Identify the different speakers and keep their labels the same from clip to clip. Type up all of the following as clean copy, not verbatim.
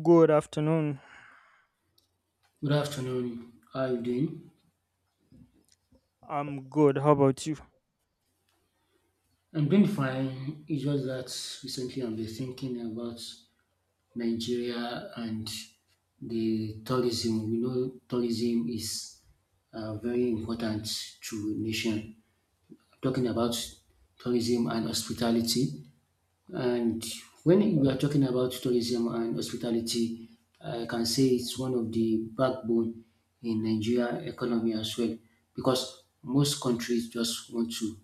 Speaker 1: Good afternoon.
Speaker 2: Good afternoon. How are you doing?
Speaker 1: I'm good. How about you?
Speaker 2: I'm doing fine. It's just that recently I've been thinking about Nigeria and the tourism. We know tourism is very important to nation. I'm talking about tourism and hospitality. And when we are talking about tourism and hospitality, I can say it's one of the backbone in Nigeria economy as well, because most countries just want to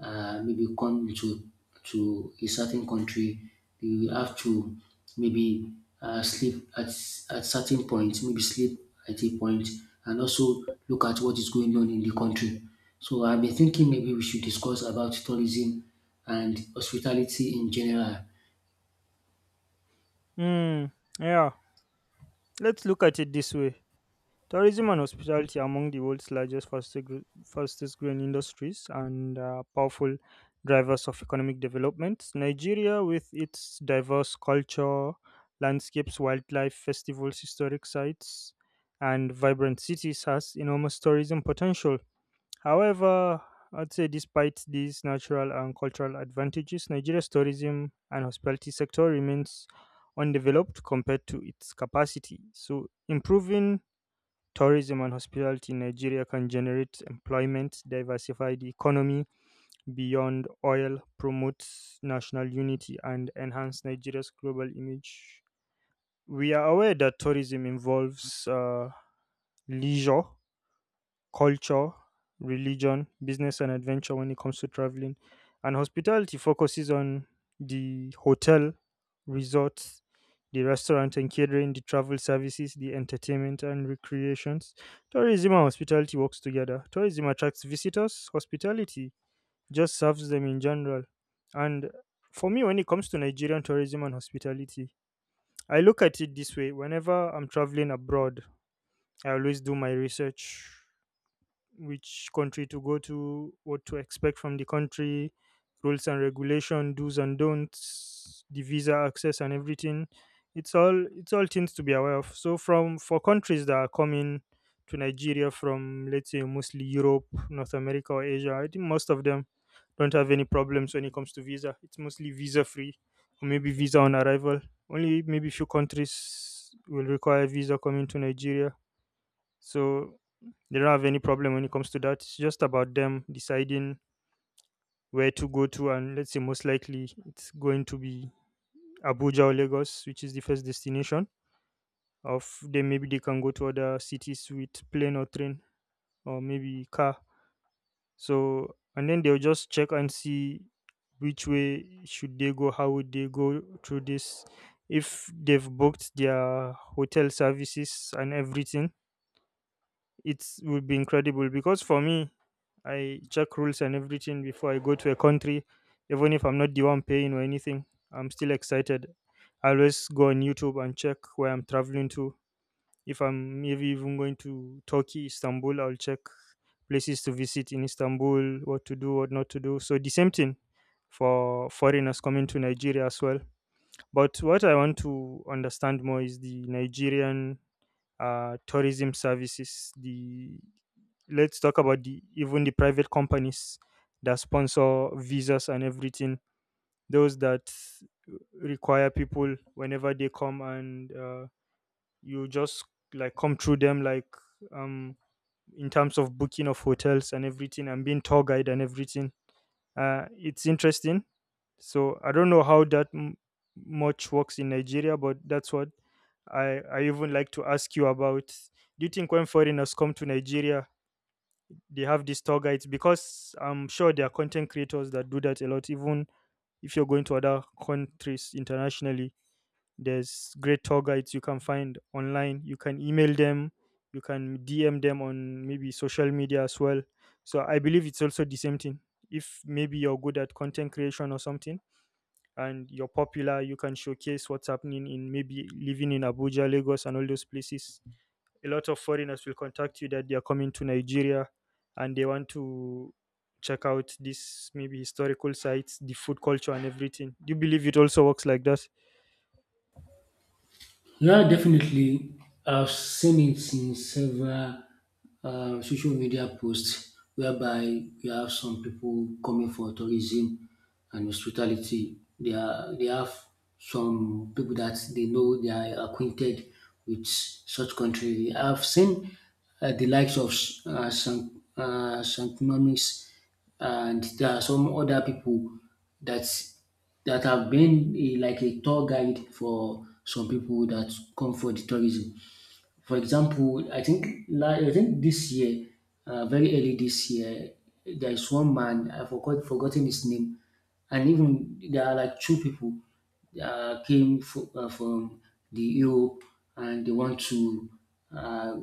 Speaker 2: maybe come to a certain country, you have to maybe sleep at certain points, maybe sleep at a point, and also look at what is going on in the country. So I've been thinking maybe we should discuss about tourism and hospitality in general.
Speaker 1: Hmm. Yeah. Let's look at it this way. Tourism and hospitality are among the world's largest, fastest, fastest growing industries and powerful drivers of economic development. Nigeria, with its diverse culture, landscapes, wildlife, festivals, historic sites, and vibrant cities, has enormous tourism potential. However, I'd say despite these natural and cultural advantages, Nigeria's tourism and hospitality sector remains undeveloped compared to its capacity. So, improving tourism and hospitality in Nigeria can generate employment, diversify the economy beyond oil, promote national unity, and enhance Nigeria's global image. We are aware that tourism involves leisure, culture, religion, business, and adventure when it comes to traveling. And hospitality focuses on the hotel, resorts, the restaurant and catering, the travel services, the entertainment and recreations. Tourism and hospitality works together. Tourism attracts visitors, hospitality just serves them in general. And for me, when it comes to Nigerian tourism and hospitality, I look at it this way. Whenever I'm traveling abroad, I always do my research which country to go to, what to expect from the country, rules and regulation, do's and don'ts, the visa access and everything. It's all things to be aware of. So from for countries that are coming to Nigeria from let's say mostly Europe, North America or Asia, I think most of them don't have any problems when it comes to visa. It's mostly visa free or maybe visa on arrival. Only maybe few countries will require visa coming to Nigeria. So they don't have any problem when it comes to that. It's just about them deciding where to go to, and let's say most likely it's going to be Abuja or Lagos, which is the first destination. Of then maybe they can go to other cities with plane or train or maybe car. So and then they'll just check and see which way should they go, how would they go through this. If they've booked their hotel services and everything, it would be incredible because for me, I check rules and everything before I go to a country. Even if I'm not the one paying or anything, I'm still excited. I always go on YouTube and check where I'm traveling to. If I'm maybe even going to Turkey, Istanbul, I'll check places to visit in Istanbul, what to do, what not to do. So the same thing for foreigners coming to Nigeria as well. But what I want to understand more is the Nigerian tourism services, the, let's talk about the, even the private companies that sponsor visas and everything, those that require people whenever they come, and you just like come through them, like, um in terms of booking of hotels and everything and being tour guide and everything. It's interesting. So I don't know how that much works in Nigeria, but that's what I even like to ask you about. Do you think when foreigners come to Nigeria they have these tour guides? Because I'm sure there are content creators that do that a lot. Even if you're going to other countries internationally, there's great tour guides you can find online. You can email them, you can DM them on maybe social media as well. So I believe it's also the same thing. If maybe you're good at content creation or something and you're popular, you can showcase what's happening in maybe living in Abuja, Lagos, and all those places. A lot of foreigners will contact you that they are coming to Nigeria and they want to check out this maybe historical sites, the food culture and everything. Do you believe it also works like that?
Speaker 2: Yeah, definitely. I've seen it in several social media posts whereby you have some people coming for tourism and hospitality. They have some people that they know they are acquainted with such country. I've seen the likes of some and there are some other people that that have been a, like a tour guide for some people that come for the tourism. For example, I think this year, very early this year, there is one man I forgot forgotten his name, and even there are like two people came from the Europe and they want to uh,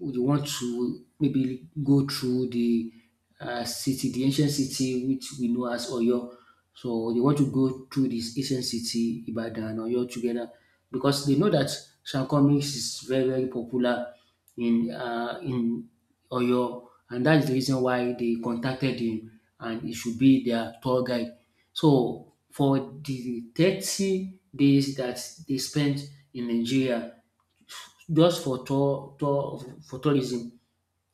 Speaker 2: maybe go through the city, the ancient city which we know as Oyo. So they want to go through this ancient city, Ibadan, or Oyo together because they know that Sean Cummings is very, very popular in Oyo, and that is the reason why they contacted him and he should be their tour guide. So for the 30 days that they spent in Nigeria just for tourism,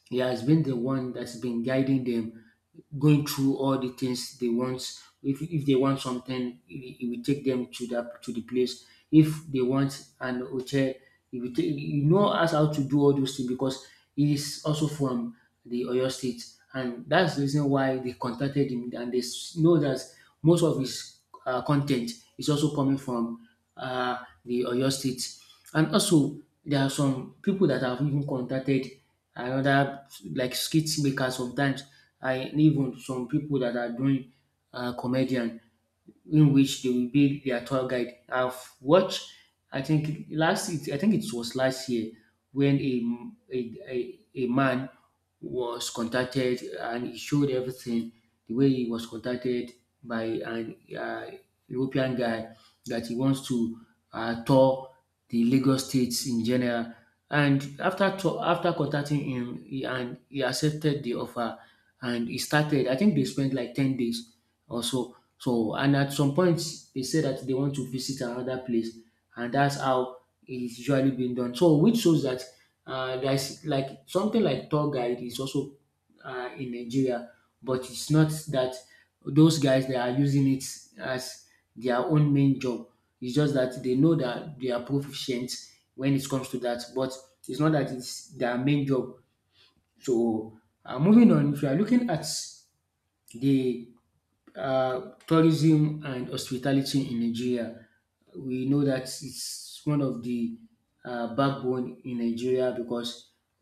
Speaker 2: he has been the one that's been guiding them, going through all the things they want. If they want something, he will take them to that to the place. If they want an hotel, he will take. He know us how to do all those things because he is also from the Oyo State, and that's the reason why they contacted him. Know that most of his content is also coming from the Oyo State, and also there are some people that have even contacted another like skit makers sometimes and even some people that are doing comedian in which they will be their tour guide. I think it was last year when a man was contacted and he showed everything the way he was contacted by an European guy that he wants to tour the Lagos states in general. After contacting him, he accepted the offer and he started. I think they spent like 10 days also. And at some point they say that they want to visit another place and that's how it's usually being done. So which shows that there's like something like tour guide is also in Nigeria, but it's not that those guys they are using it as their own main job. It's just that they know that they are proficient when it comes to that, but it's not that it's their main job. So moving on, if you are looking at the tourism and hospitality in Nigeria. We know that it's one of the backbone in Nigeria because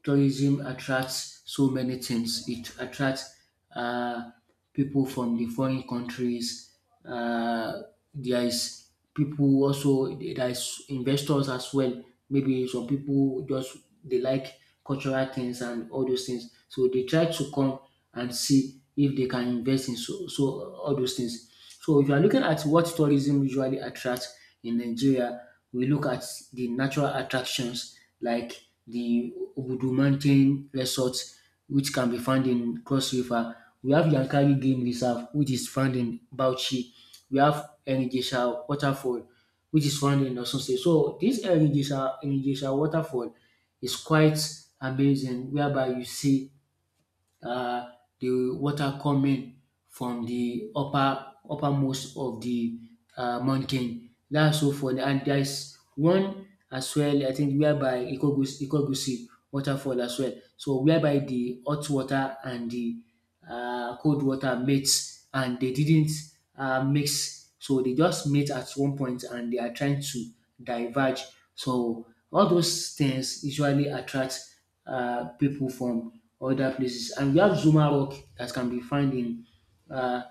Speaker 2: tourism attracts so many things. It attracts uh, people from the foreign countries. Uh, there is people also there is investors as well. Maybe some people just they like cultural things and all those things, so they try to come and see if they can invest in all those things. So if you are looking at what tourism usually attracts in Nigeria, we look at the natural attractions like the Obudu Mountain Resort which can be found in Cross River. We have Yankari Game Reserve, which is found in Bauchi. We have Enrijesha Waterfall, which is found in Osun State. So this Enrijesha Waterfall is quite amazing, whereby you see uh, the water coming from the uppermost of the mountain. That's so funny. And there's one as well, I think, whereby Ikogusi waterfall as well. So whereby the hot water and the cold water mates and they didn't mix. So they just met at one point and they are trying to diverge. So all those things usually attract people from other places. And we have Zuma Rock that can be found in uh,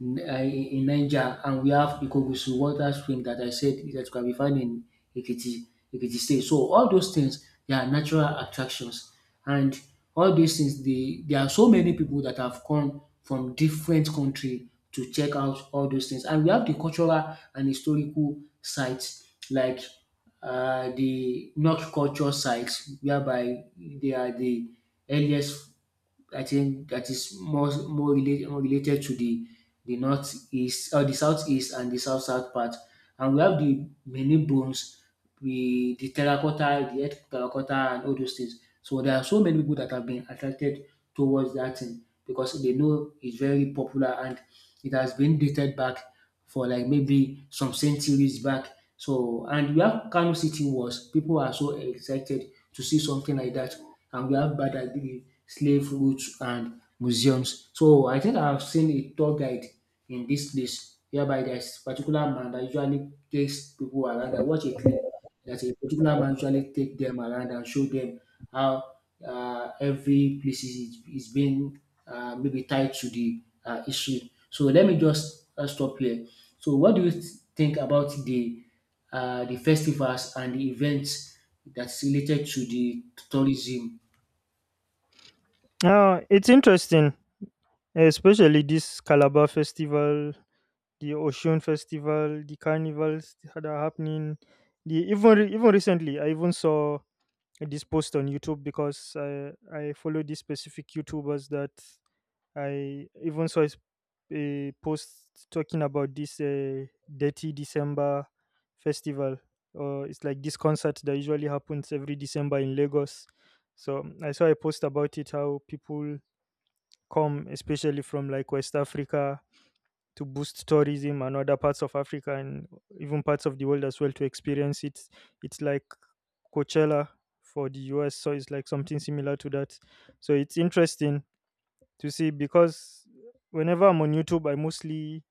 Speaker 2: in Niger, and we have Ikogusu water stream that I said that can be found in Ekiti, Ekiti State. So all those things, they are natural attractions, and all these things, they, there are so many people that have come from different country to check out all those things, and we have the cultural and historical sites like the North culture sites, whereby they are the earliest. I think that is more related to the northeast or the southeast and the south part. And we have the many bones, we the terracotta, the earth terracotta and all those things. So there are so many people that have been attracted towards that thing because they know it's very popular and it has been dated back for like maybe some centuries back. So and we have Kano City Wars. People are so excited to see something like that. And we have Badagry slave routes and museums. So I think I've seen a tour guide in this place whereby there's particular man that usually takes people around. I watch a clip that a particular man usually take them around and show them how every place is being maybe tied to the history. So let me just stop here. So what do you think about the festivals and the events that's related to the tourism.
Speaker 1: It's interesting, especially this Calabar festival, the Ocean festival, the carnivals that are happening. The even recently, I even saw this post on YouTube because I follow these specific YouTubers that I even saw a post talking about this Dirty December festival. Or it's like this concert that usually happens every December in Lagos. So I saw a post about it, how people come, especially from like West Africa, to boost tourism and other parts of Africa and even parts of the world as well to experience it. It's like Coachella for the US, so it's like something similar to that. So it's interesting to see because whenever I'm on YouTube, I mostly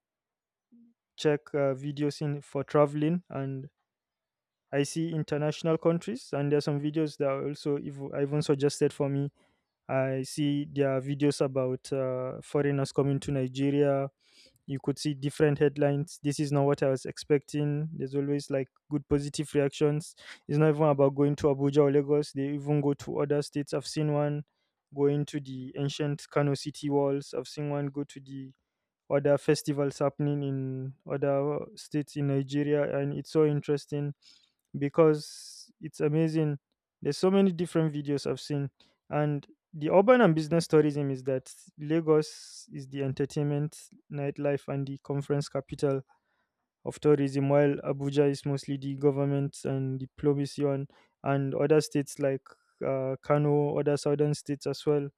Speaker 1: check videos in for traveling and I see international countries, and there are some videos that are also even suggested for me. I see there are videos about foreigners coming to Nigeria. You could see different headlines. This is not what I was expecting. There's always like good positive reactions. It's not even about going to Abuja or Lagos. They even go to other states. I've seen one going to the ancient Kano city walls. I've seen one go to the other festivals happening in other states in Nigeria, and it's so interesting because it's amazing. There's so many different videos I've seen, and the urban and business tourism is that Lagos is the entertainment, nightlife, and the conference capital of tourism, while Abuja is mostly the government and diplomacy on, and other states like Kano, other southern states as well,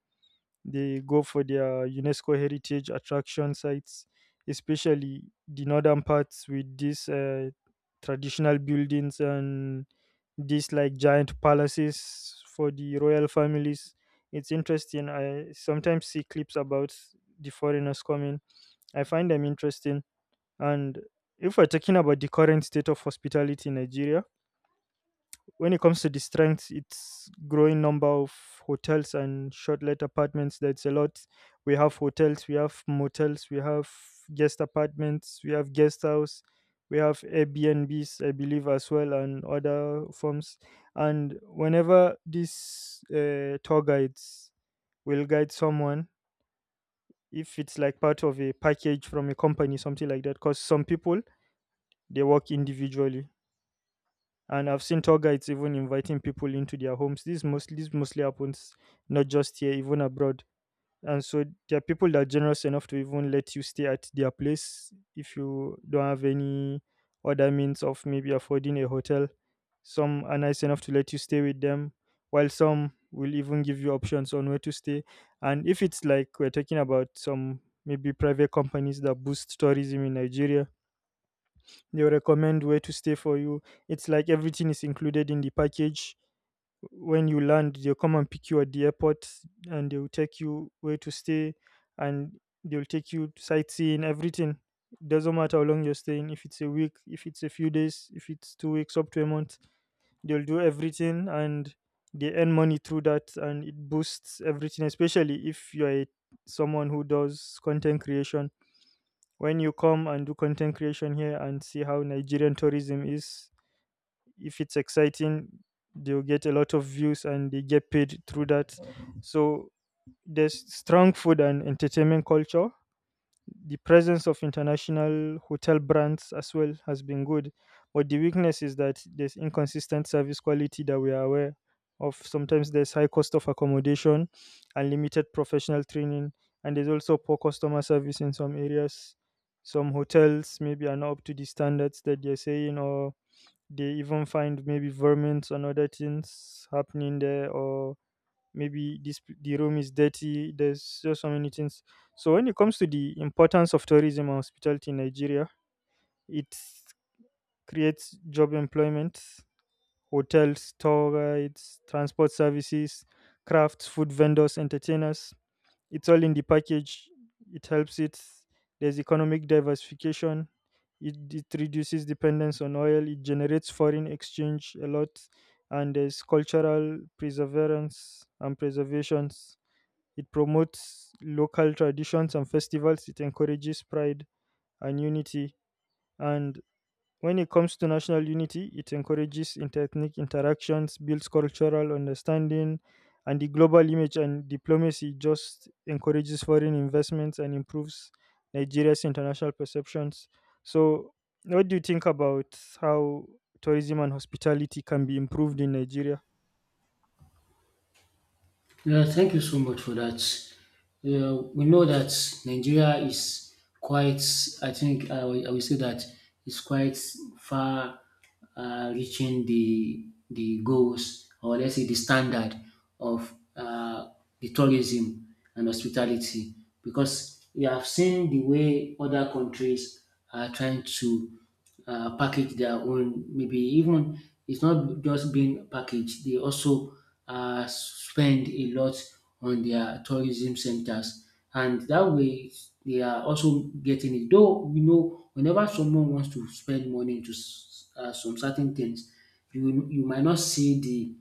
Speaker 1: they go for their UNESCO heritage attraction sites, especially the northern parts with these traditional buildings and these like giant palaces for the royal families. It's interesting. I sometimes see clips about the foreigners coming. I find them interesting. And if we're talking about the current state of hospitality in Nigeria, when it comes to the strengths, it's growing number of hotels and short-let apartments. That's a lot. We have hotels, we have motels, we have guest apartments, we have guest house, we have Airbnbs, I believe, as well, and other forms. And whenever these tour guides will guide someone, if it's like part of a package from a company, something like that, because some people they work individually, and I've seen tour guides even inviting people into their homes. This mostly happens not just here, even abroad. And so there are people that are generous enough to even let you stay at their place if you don't have any other means of maybe affording a hotel. Some are nice enough to let you stay with them, while some will even give you options on where to stay. And if it's like we're talking about some maybe private companies that boost tourism in Nigeria, they'll recommend where to stay for you. It's like everything is included in the package. When you land, they'll come and pick you at the airport and they'll take you where to stay and they'll take you sightseeing, everything. Doesn't matter how long you're staying, if it's a week, if it's a few days, if it's 2 weeks, up to a month, they'll do everything and they earn money through that and it boosts everything, especially if you're a someone who does content creation. When you come and do content creation here and see how Nigerian tourism is, if it's exciting, they'll get a lot of views and they get paid through that. So there's strong food and entertainment culture, the presence of international hotel brands as well has been good, but the weakness is that there's inconsistent service quality that we are aware of. Sometimes there's high cost of accommodation and limited professional training, and there's also poor customer service in some areas. Some hotels maybe are not up to the standards that they're saying, or they even find maybe vermin and other things happening there, or maybe the room is dirty. There's just so many things. So when it comes to the importance of tourism and hospitality in Nigeria, it creates job employment, hotels, tour guides, transport services, crafts, food vendors, entertainers, it's all in the package. It helps it. There's economic diversification. It reduces dependence on oil, it generates foreign exchange a lot, and there's cultural perseverance and preservations. It promotes local traditions and festivals. It encourages pride and unity. And when it comes to national unity, it encourages interethnic interactions, builds cultural understanding, and the global image and diplomacy just encourages foreign investments and improves Nigeria's international perceptions. So, what do you think about how tourism and hospitality can be improved in Nigeria?
Speaker 2: Yeah, thank you so much for that. Yeah, we know that Nigeria is quite, I think I will say that it's quite far reaching the goals or let's say the standard of the tourism and hospitality because we have seen the way other countries are trying to package their own. Maybe even it's not just being packaged; they also spend a lot on their tourism centers, and that way they are also getting it. Though you know, whenever someone wants to spend money to some certain things, you might not see the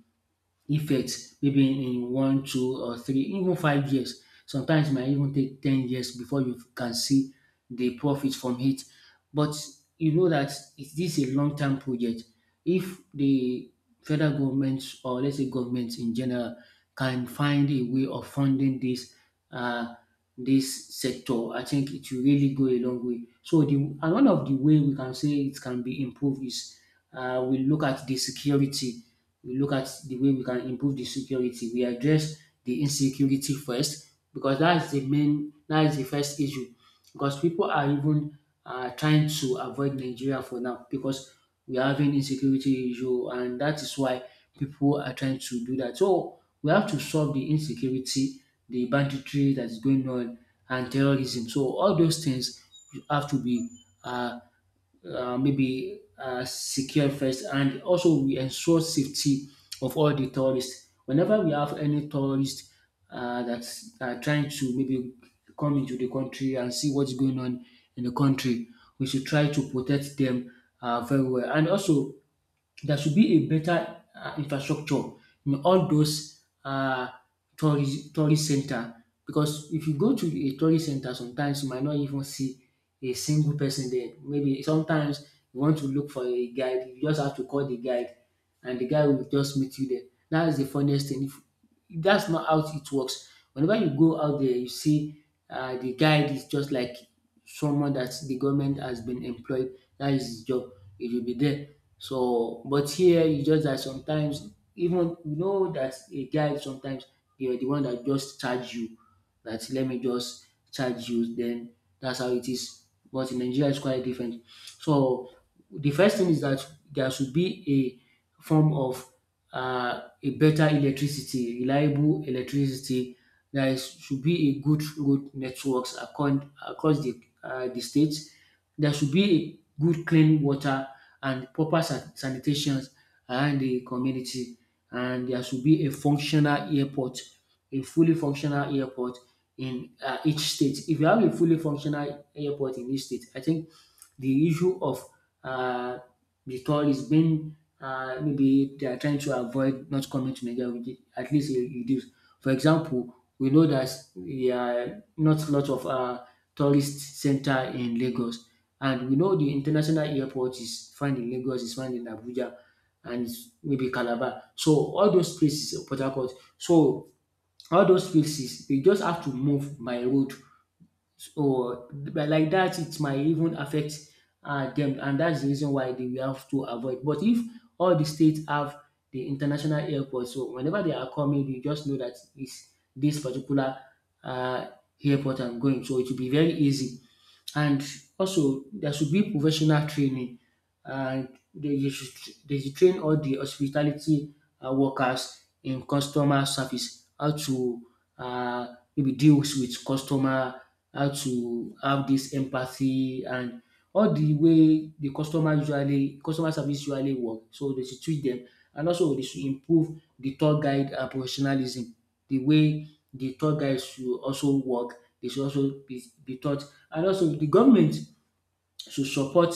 Speaker 2: effect maybe in one, two or three, even 5 years. Sometimes e might even take 10 years before you can see the profit from it. But you know that it this a long term project. If the federal government or let's say government in general can find a way of funding uh this sector, I think it will really go a long way. So the and one of the way we can say it can be improved is we look at the security. We look at the way we can improve the security. We address the insecurity first because that is the first issue because people are even trying to avoid Nigeria for now because we are having insecurity issue and that is why people are trying to do that. So we have to solve the insecurity, the banditry that is going on and terrorism. So all those things have to be uh, maybe secure first and also we ensure safety of all the tourists. Whenever we have any tourists that are trying to maybe come into the country and see what's going on in the country, we should try to protect them very well. And also there should be a better infrastructure in all those tourist center because if you go to a tourist center sometimes you might not even see a single person there. Maybe sometimes you want to look for a guide, you just have to call the guide and the guy will just meet you there. That is the funniest thing. If, that's not how it works. Whenever you go out there, you see the guide is just like someone that the government has been employed. That is his job. It will be there. So, but here you just that sometimes even you know that a guy sometimes they are the one that just charge you that let me just charge you. Then that's how it is. But in Nigeria, it's quite different. So the first thing is that there should be a form of reliable electricity. Should be a good road networks across the state. There should be a good clean water and proper sanitation and the community. And there should be a functional airport, a fully functional airport in each state. If you have a fully functional airport in each state, I think the issue of uh, the tourists being maybe they are trying to avoid not coming to Nigeria, with it, at least it reduce. For example, we know that there are not a lot of tourist center in Lagos, and we know the international airport is found in Lagos, is found in Abuja and maybe Calabar. So all those places, Port Harcourt. So all those places, they just have to move by road. So but like that, it might even affect them, and that's the reason why they will have to avoid. But if all the states have the international airport, so whenever they are coming, they just know that it's this particular uh, airport I'm going. So it will be very easy and also there should be professional training and they should train all the hospitality workers in customer service, how to maybe deal with customer, how to have this empathy and all the way the customer usually customer service usually work. So they should treat them, and also they should improve the tour guide professionalism. The way the tour guides should also work, they should also be taught and also the government should support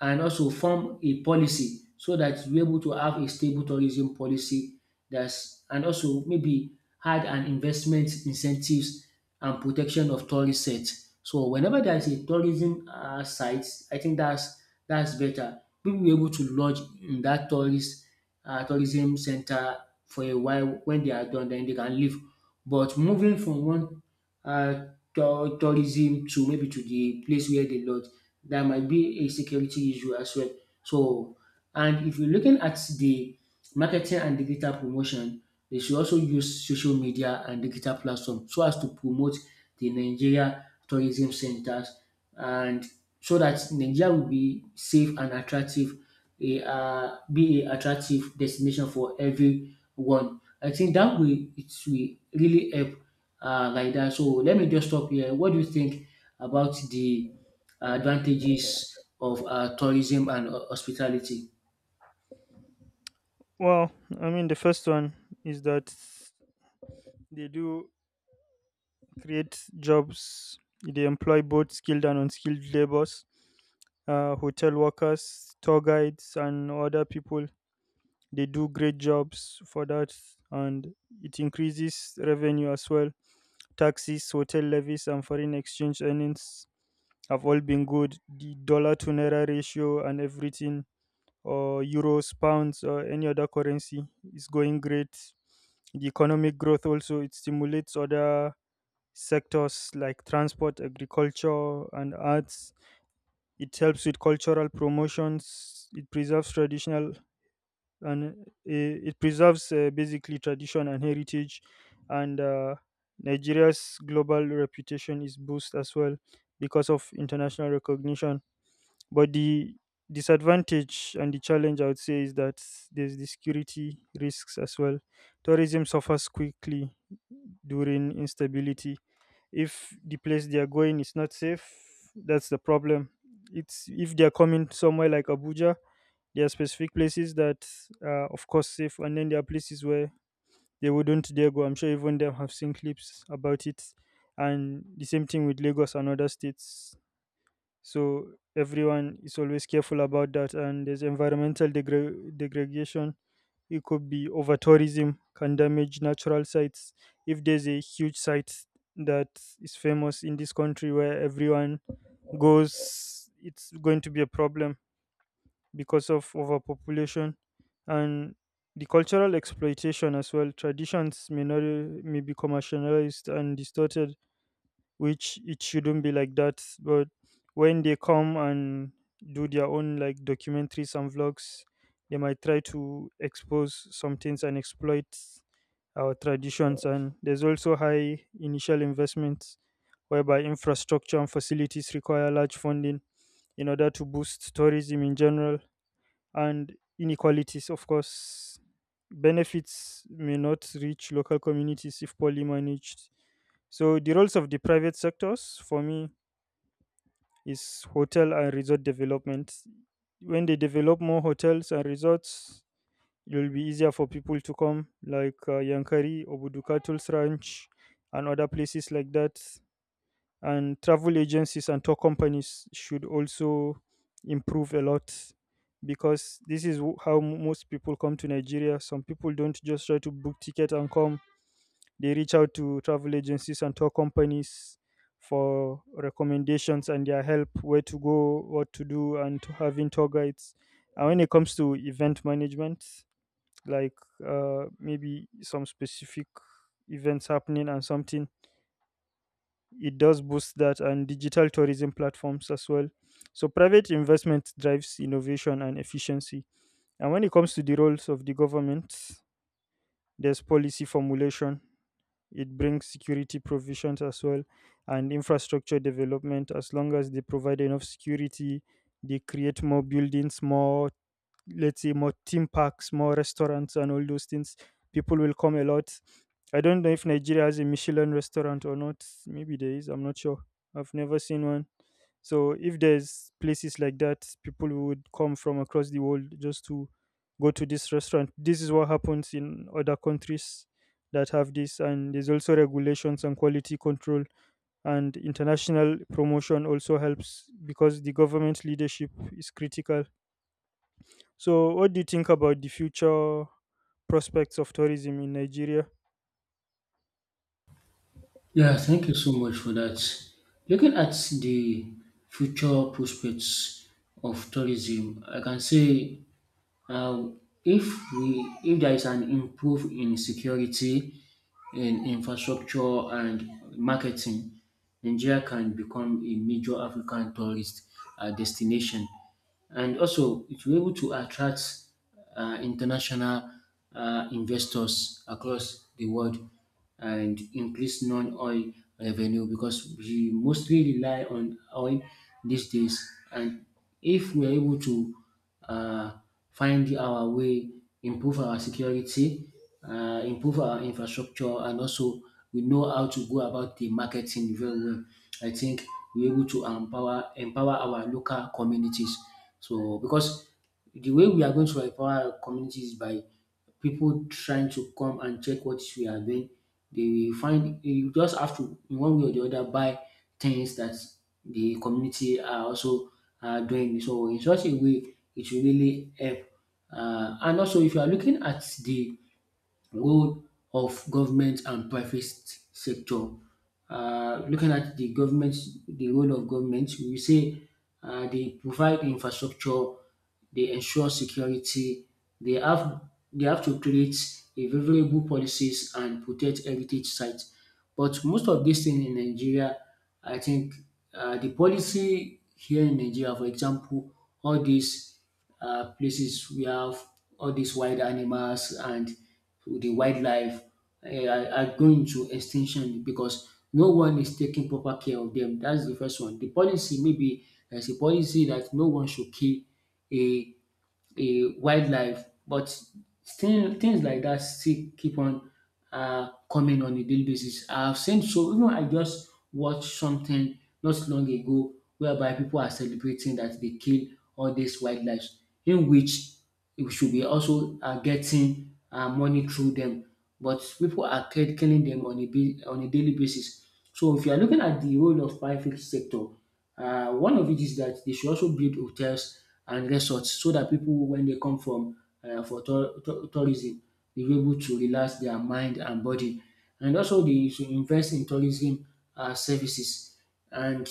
Speaker 2: and also form a policy so that we're able to have a stable tourism policy that's and also maybe had an investment incentives and protection of tourist sites. So whenever there is a tourism site, I think that's better. People will be able to lodge in that tourist tourism center for a while. When they are done, then they can leave. But moving from one uh, tourism to maybe to the place where they lodge. That might be a security issue as well. So, and if you're looking at the marketing and digital promotion, they should also use social media and digital platform so as to promote the Nigeria tourism centers and so that Nigeria will be safe and attractive a be a attractive destination for everyone. I think that will it will really help like that. So let me just stop here. What do you think about the advantages of tourism and hospitality?
Speaker 1: Well, I mean, the first one is that they do creates jobs. They employ both skilled and unskilled laborers, hotel workers, tour guides, and other people. They do great jobs for that, and it increases revenue as well. Taxes, hotel levies, and foreign exchange earnings have all been good. The dollar to naira ratio and everything, or euros, pounds, or any other currency, is going great. The economic growth also, it stimulates other sectors like transport, agriculture, and arts. It helps with cultural promotions. It preserves traditional and it preserves basically tradition and heritage, and Nigeria's global reputation is boosted as well because of international recognition. But the disadvantage and the challenge, I would say, is that there's the security risks as well. Tourism suffers quickly during instability if the place they are going is not safe. That's the problem. It's if they are coming somewhere like Abuja, there are specific places that are of course safe, and then there are places where they wouldn't dare go. I'm sure even them have seen clips about it, and the same thing with Lagos and other states. So everyone is always careful about that, and there's environmental degradation. It could be over tourism can damage natural sites. If there's a huge site that is famous in this country where everyone goes, it's going to be a problem because of overpopulation, and the cultural exploitation as well. Traditions may not may be commercialized and distorted, which it shouldn't be like that. But when they come and do their own like documentaries and vlogs, they might try to expose some things and exploit our traditions. And there's also high initial investments, whereby infrastructure and facilities require large funding in order to boost tourism in general, and inequalities, of course. Benefits may not reach local communities if poorly managed. So, the roles of the private sectors, for me, is hotel and resort development. When they develop more hotels and resorts, it will be easier for people to come, like Yankari, Obudu Cattle's Ranch, and other places like that. And travel agencies and tour companies should also improve a lot, because this is most people come to Nigeria. Some people don't just try to book ticket and come. They reach out to travel agencies and tour companies for recommendations and their help, where to go, what to do, and to having tour guides. And when it comes to event management, like maybe some specific events happening and something, it does boost that, and digital tourism platforms as well. So private investment drives innovation and efficiency. And when it comes to the roles of the government, there's policy formulation. It brings security provisions as well, and infrastructure development. As long as they provide enough security, they create more buildings, more, let's say, more theme parks, more restaurants, and all those things, people will come a lot. I don't know if Nigeria has a Michelin restaurant or not. Maybe there is, I'm not sure. I've never seen one. So if there's places like that, people would come from across the world just to go to this restaurant. This is what happens in other countries that have this. And there's also regulations and quality control, and international promotion also helps, because the government leadership is critical. So, what do you think about the future prospects of tourism in Nigeria?
Speaker 2: Yeah, thank you so much for that. Looking at the future prospects of tourism, I can say uh, if we if there is an improve in security in infrastructure and marketing, Nigeria can become a major African tourist destination. And also, it will be able to attract international investors across the world and increase non-oil revenue because we mostly rely on oil these days. And if we're able to uh, find our way, improve our security, improve our infrastructure, and also we know how to go about the marketing very well. I think we're able to empower our local communities. So because the way we are going to empower our communities is by people trying to come and check what we are doing, they will find you just have to in one way or the other buy things that the community are also doing. So in such a way, it will really help. And also, if you are looking at the role of government and private sector. Looking at the government, the role of government, we say they provide infrastructure, they ensure security, they have they have to create a favorable policies and protect heritage sites. But most of these things in Nigeria, I think the policy here in Nigeria, for example, all these places we have all these wild animals and the wildlife are going to extinction because no one is taking proper care of them. That's the first one. The policy maybe there's a policy that no one should kill a a wildlife, but still things like that still keep on coming on a daily basis. I've seen so even I just watched something not long ago whereby people are celebrating that they kill all these wildlife, in which we should be also getting money through them, but people are killing them on a on a daily basis. So if you are looking at the role of private sector, one of it is that they should also build hotels and resorts so that people, when they come from for tour- tour- tourism, they'll be able to relax their mind and body. And also, they should invest in tourism services and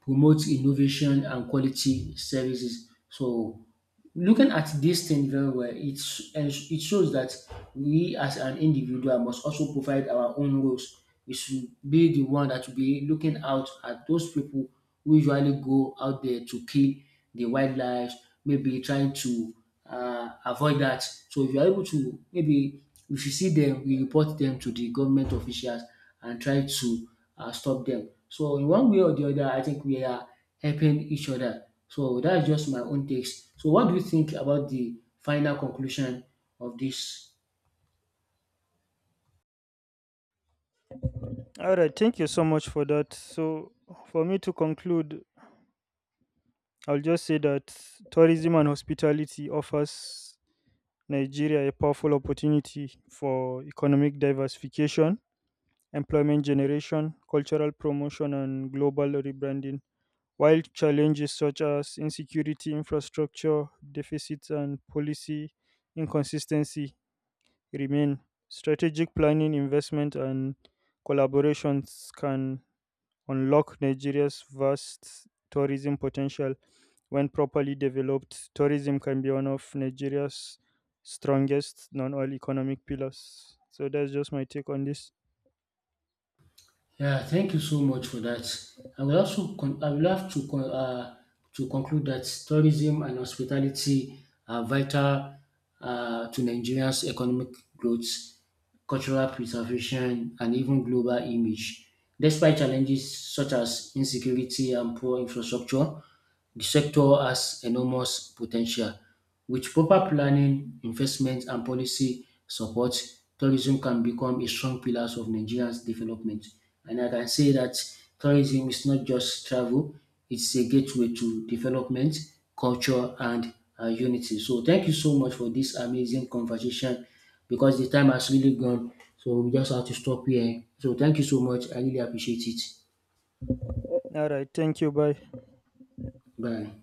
Speaker 2: promote innovation and quality services. So looking at this thing very well, it's, it shows that we as an individual must also provide our own roles. We should be the one that will be looking out at those people who usually go out there to kill the wildlife, maybe trying to avoid that. So if you are able to maybe if you see them, we report them to the government officials and try to stop them. So in one way or the other, I think we are helping each other. So that's just my own takes. So what do you think about the final conclusion of this?
Speaker 1: All right, thank you so much for that. So, for me to conclude, I'll just say that tourism and hospitality offers Nigeria a powerful opportunity for economic diversification, employment generation, cultural promotion, and global rebranding. While challenges such as insecurity, infrastructure deficits, and policy inconsistency remain, strategic planning, investment, and collaborations can unlock Nigeria's vast tourism potential. When properly developed, tourism can be one of Nigeria's strongest non oil economic pillars. So that's just my take on this.
Speaker 2: Yeah, thank you so much for that. I will also I will have to to conclude that tourism and hospitality are vital to Nigeria's economic growth, cultural preservation, and even global image. Despite challenges such as insecurity and poor infrastructure, the sector has enormous potential. With proper planning, investment, and policy support, tourism can become a strong pillar of Nigeria's development. And I can say that tourism is not just travel, it's a gateway to development, culture, and unity. So, thank you so much for this amazing conversation because the time has really gone. So, we just have to stop here. So, thank you so much. I really appreciate it.
Speaker 1: All right. Thank you. Bye.
Speaker 2: Bye.